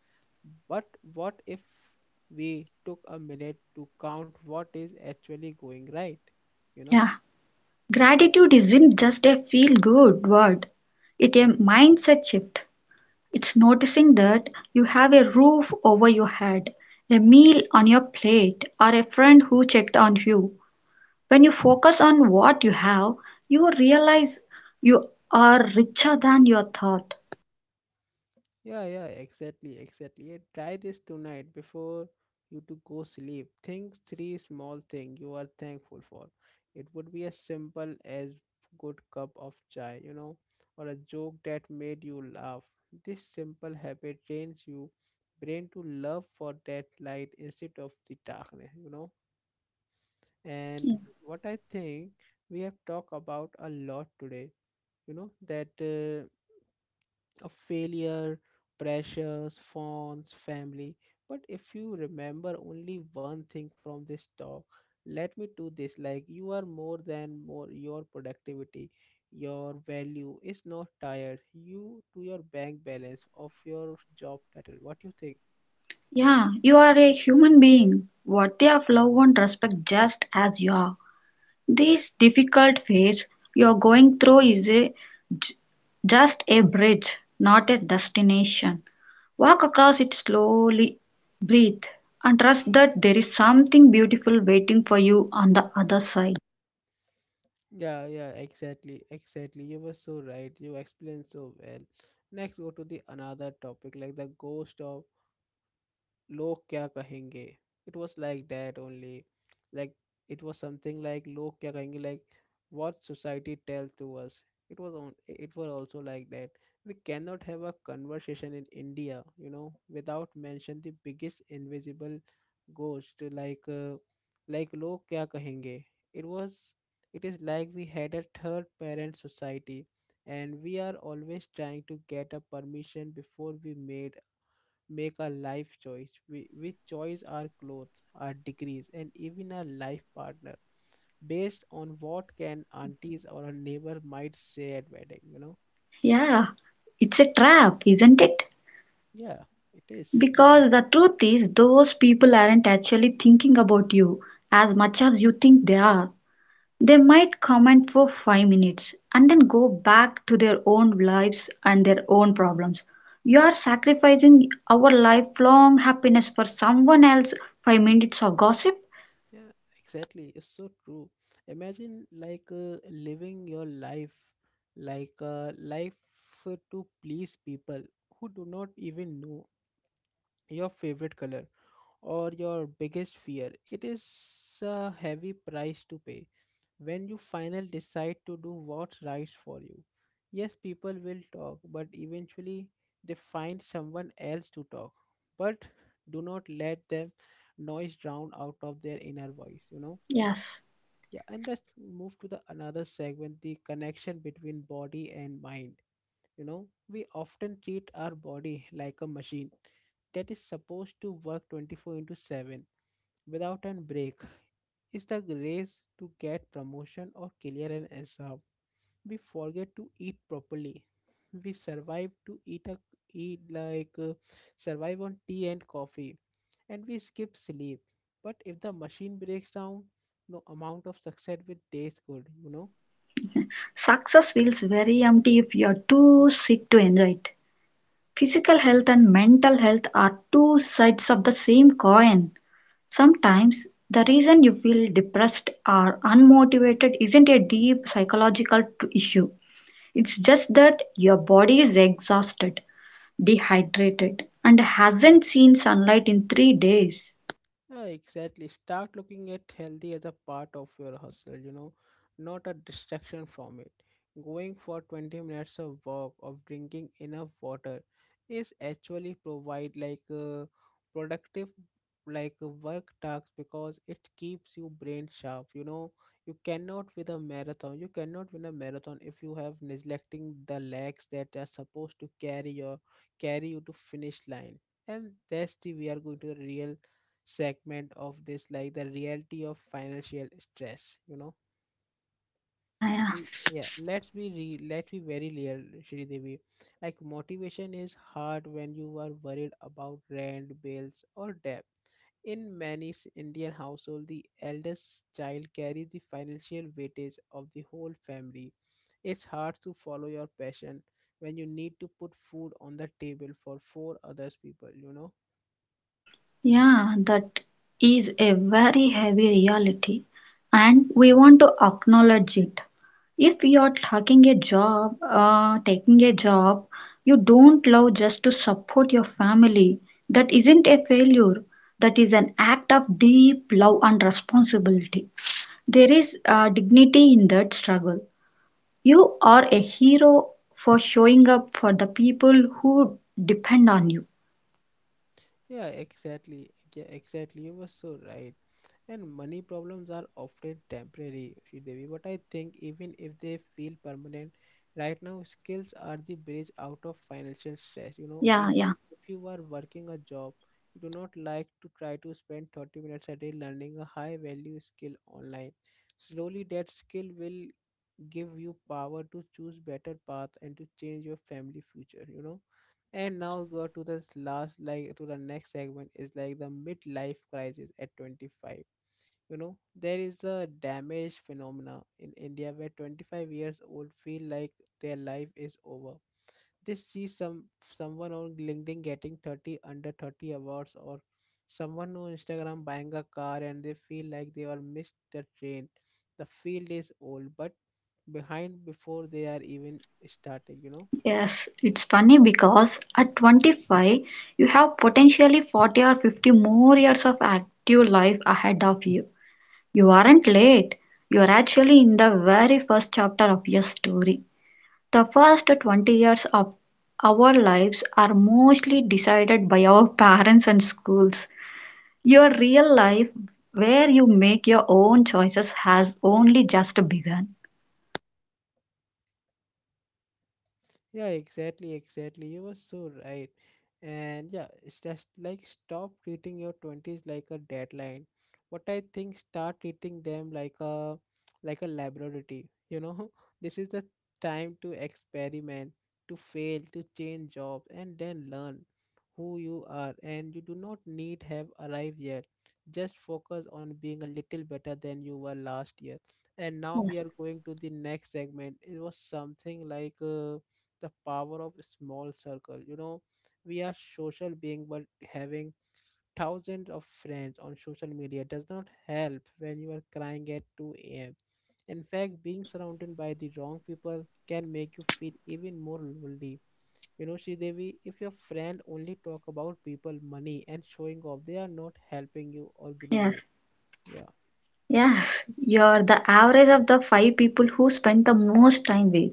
A: But what if we took a minute to count what is actually going right, you know
B: yeah. Gratitude isn't just a feel good word, it's a mindset shift. It's noticing that you have a roof over your head, a meal on your plate, or a friend who checked on you. When you focus on what you have, you realize you are richer than your thought.
A: Yeah, yeah, exactly, exactly. Yeah. Try this tonight before you to go sleep. Think three small thing you are thankful for. It would be as simple as good cup of chai, you know, or a joke that made you laugh. This simple habit trains you brain to love for that light instead of the darkness, And what I think, we have talked about a lot today, you know, that of failure, pressures, phones, family. But if you remember only one thing from this talk, let me do this like you are more than more your productivity, your value is not tired you to your bank balance of your job title. What do you think?
B: Yeah, you are a human being, worthy of love and respect just as you are. This difficult phase you're going through is j- just a bridge, not a destination. Walk across it slowly, breathe, and trust that there is something beautiful waiting for you on the other side.
A: Yeah, yeah, exactly, exactly. You were so right, you explained so well. Next, go to the another topic, like the ghost of लोग क्या कहेंगे. It was like that only, like, it was something like लोग क्या कहेंगे, like, what society tells to us. It was on, it was also like that, we cannot have a conversation in India, you know, without mention the biggest invisible ghost like log kya kahenge. It was, it is like we had a third parent society, and we are always trying to get a permission before we made make a life choice, which choice, our clothes, our degrees, and even our life partner, based on what can aunties or a neighbor might say at wedding. You know?
B: Yeah, it's a trap, isn't it?
A: Yeah, it is.
B: Because the truth is, those people aren't actually thinking about you as much as you think they are. They might comment for five minutes and then go back to their own lives and their own problems. You are sacrificing our lifelong happiness for someone else five minutes of gossip?
A: Yeah, exactly. It's so true. Imagine living your life, life to please people who do not even know your favorite color or your biggest fear. It is a heavy price to pay. When you finally decide to do what's right for you, yes, people will talk, but eventually they find someone else to talk. But do not let them noise drown out of their inner voice,
B: Yes.
A: yeah, and let's move to the another segment, the connection between body and mind. You know, we often treat our body like a machine that is supposed to work 24 into 7 without a break, is the race to get promotion or clear an exam. We forget to eat properly. We survive to eat a eat like survive on tea and coffee, and we skip sleep. But if the machine breaks down, no amount of success will taste good. You know.
B: Success feels very empty if you are too sick to enjoy it. Physical health and mental health are two sides of the same coin. Sometimes the reason you feel depressed or unmotivated isn't a deep psychological issue. It's just that your body is exhausted, dehydrated, and hasn't seen sunlight in three days.
A: Yeah, exactly. Start looking at healthy as a part of your hustle, you know, not a distraction from it. Going for 20 minutes of walk of drinking enough water is actually provide like a productive, like a work task, because it keeps you brain sharp, you cannot with a marathon, you cannot win a marathon if you have neglecting the legs that are supposed to carry you to finish line. And that's the, we are going to the real segment of this, like the reality of financial stress,
B: Yeah, yeah,
A: Yeah, let's be very real, shri devi like motivation is hard when you are worried about rent, bills, or debt. In many Indian households, the eldest child carries the financial weightage of the whole family. It's hard to follow your passion when you need to put food on the table for four others people, you know?
B: yeah, that is a very heavy reality, and we want to acknowledge it. If you're taking a job, you don't love just to support your family, that isn't a failure. That is an act of deep love and responsibility. There is dignity in that struggle. You are a hero for showing up for the people who depend on you.
A: Yeah, exactly. Yeah, exactly. You were so right. And money problems are often temporary, Devi. But I think even if they feel permanent, right now skills are the bridge out of financial stress. You know,
B: Yeah, yeah,
A: even if you are working a job, you do not like, to try to spend 30 minutes a day learning a high value skill online. Slowly, that skill will give you power to choose better paths and to change your family future, and
B: yes,
A: now go to this last, like to the next segment, is like the midlife crisis at 25. You know, there is a damage phenomena in India where 25 years old feel like their life is over. They see someone on LinkedIn getting 30 under 30 awards, or someone on Instagram buying a car, and they feel like they all missed the train. The field is old, but behind before they are even starting,
B: yes. It's funny because at 25, you have potentially 40 or 50 more years of active life ahead of you. You aren't late. You are actually in the very first chapter of your story. The first 20 years of our lives are mostly decided by our <laughs> parents and schools. Your real life, where you make your own choices, has only just begun.
A: Yeah, exactly, exactly. You were so right. And yeah, it's just like stop treating your 20s like a deadline. What I think, start treating them like a laboratory. You know, <laughs> this is the time to experiment, to fail, to change jobs, and then learn who you are. And you do not need have arrived yet. Just focus on being a little better than you were last year. And now we
B: Yes,
A: are going to the next segment. It was something the power of small circle, you know. We are social being, but having thousands of friends on social media does not help when you are crying at 2 a.m. In fact, being surrounded by the wrong people can make you feel even more lonely, you know, Sri Devi. If your friend only talk about people, money, and showing off, they are not helping you or grow
B: yes,
A: you. Yeah.
B: yes, you're the average of the five people who spend the most time with.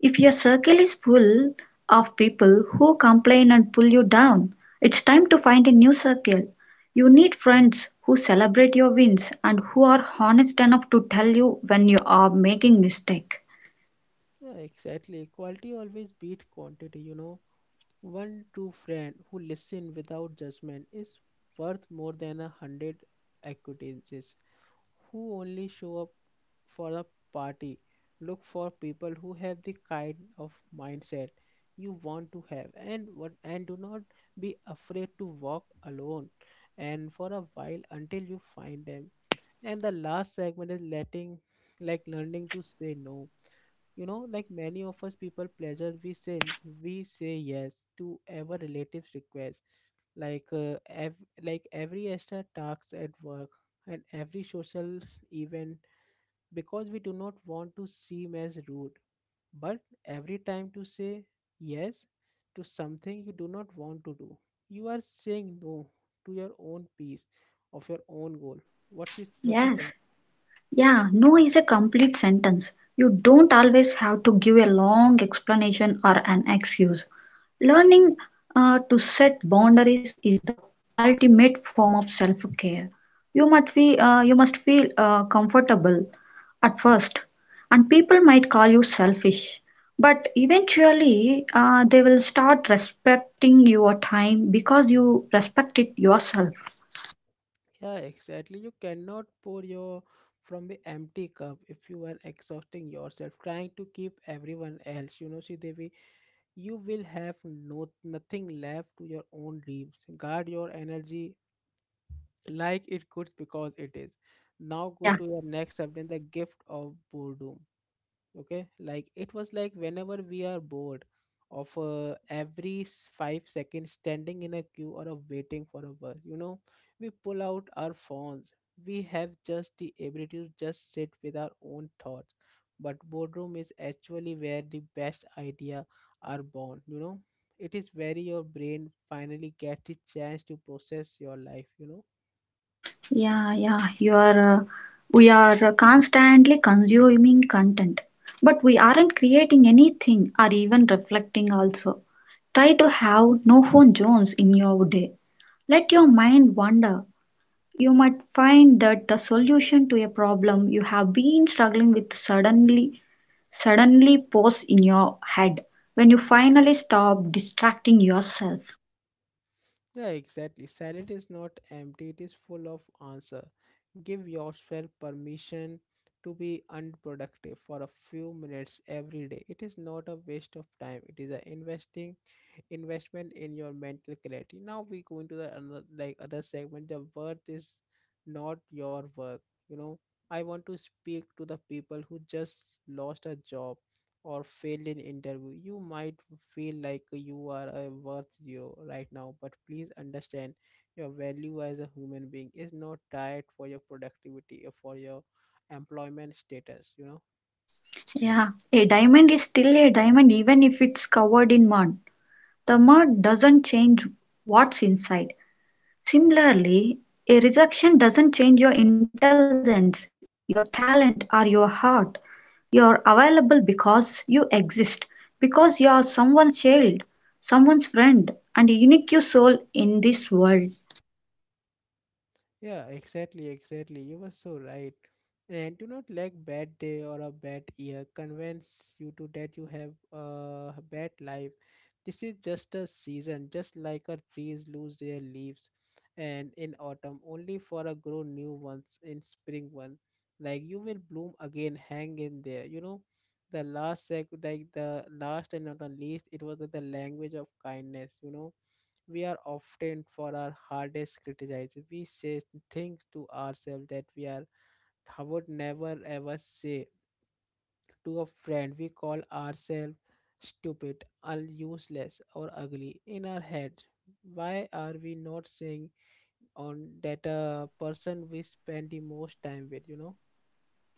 B: If your circle is full of people who complain and pull you down, it's time to find a new circle. You need friends who celebrate your wins and who are honest enough to tell you when you are making mistake.
A: Yeah, exactly. Quality always beat quantity, you know. One true friend who listen without judgment is worth more than a hundred acquaintances who only show up for a party. Look for people who have the kind of mindset you want to have, and what, and do not be afraid to walk alone and for a while until you find them. And the last segment is letting like learning to say no. You know, like many of us people pleasure, we say yes to our relatives request, like every extra task at work and every social event because we do not want to seem as rude. But every time to say yes to something you do not want to do, you are saying no to your own peace of your own goal. What you, what you think?
B: Yes, yeah, no is a complete sentence. You don't always have to give a long explanation or an excuse. Learning to set boundaries is the ultimate form of self-care. You must you must feel comfortable at first, and people might call you selfish, but eventually they will start respecting your time because you respect it yourself.
A: Yeah, exactly. You cannot pour your from an empty cup. If you are exhausting yourself, trying to keep everyone else, you know, Devi, you will have no nothing left to your own dreams. Guard your energy like it could, because it is. Now go
B: Yeah.
A: to your next subject, the gift of boredom. Okay, like it was like whenever we are bored of 5 seconds standing in a queue or of waiting for a bus, you know, we pull out our phones. We have just the ability to just sit with our own thoughts, but boardroom is actually where the best idea are born, you know. It is where your brain finally gets the chance to process your life,
B: Yeah, yeah, you are. We are constantly consuming content, but we aren't creating anything or even reflecting. Also, try to have no phone zones in your day. Let your mind wander. You might find that the solution to a problem you have been struggling with suddenly pops in your head when you finally stop distracting yourself.
A: Yeah, exactly. Salad is not empty, it is full of answer. Give yourself permission to be unproductive for a few minutes every day. It is not a waste of time, it is a investing investment in your mental clarity. Now we go into the another, like other segment. The worth is not your work. You know, I want to speak to the people who just lost a job or failed an interview. You might feel like you are a worth zero right now, but please understand, your value as a human being is not tied for your productivity or for your employment status. You know.
B: Yeah, a diamond is still a diamond even if it's covered in mud. The mud doesn't change what's inside. Similarly, a rejection doesn't change your intelligence, your talent, or your heart. You're available because you exist, because you are someone's child, someone's friend, and a unique soul in this world.
A: Yeah, exactly, exactly. You were so right. And do not let bad day or a bad year convince you to that you have a bad life. This is just a season, just like a trees lose their leaves and in autumn only for a grow new ones in spring one. Like you will bloom again, hang in there. You know, the last and not the least, it was the language of kindness, you know. We are often for our hardest criticized. We say things to ourselves that we are, I would never ever say to a friend. We call ourselves stupid, or useless, or ugly in our head. Why are we not saying on that person we spend the most time with? You know.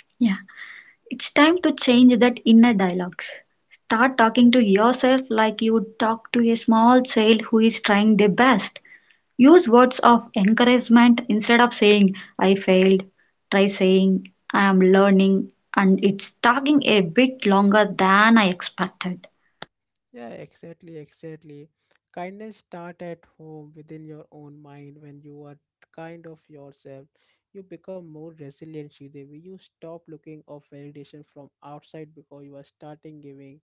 B: Yeah, it's time to change that inner dialogues. Start talking to yourself like you would talk to a small child who is trying their best. Use words of encouragement instead of saying, I failed. Try saying, I am learning, and it's taking a bit longer than I expected.
A: Yeah, exactly, exactly. Kindness start at home within your own mind. When you are kind of yourself, you become more resilient, Shridevi. You stop looking of validation from outside because you are starting giving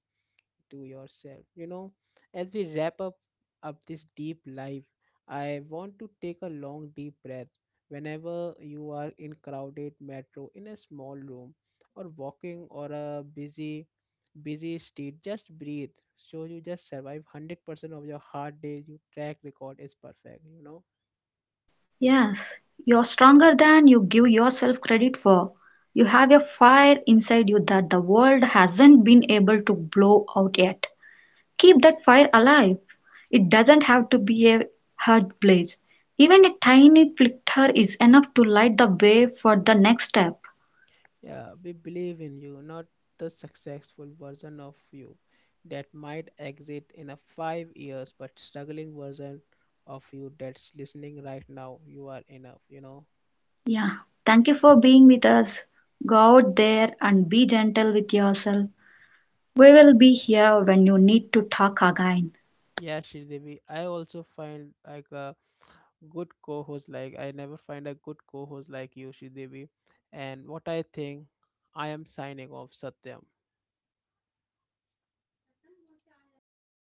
A: to yourself, as we wrap up this deep life, I want to take a long deep breath. Whenever you are in crowded metro, in a small room, or walking or a busy street, just breathe. So you just survive 100% of your hard days, your track record is perfect,
B: Yes, you're stronger than you give yourself credit for. You have a fire inside you that the world hasn't been able to blow out yet. Keep that fire alive. It doesn't have to be a hard blaze. Even a tiny flicker is enough to light the way for the next step.
A: Yeah, we believe in you, not the successful version of you that might exit in a 5 years, but struggling version of you that's listening right now. You are enough, you know.
B: Yeah. Thank you for being with us. Go out there and be gentle with yourself. We will be here when you need to talk again.
A: Yeah, Shridevi, I also find like a good co-host. Like I never find a good co-host like you, Shridevi. And what I think, I am signing off, Satyam.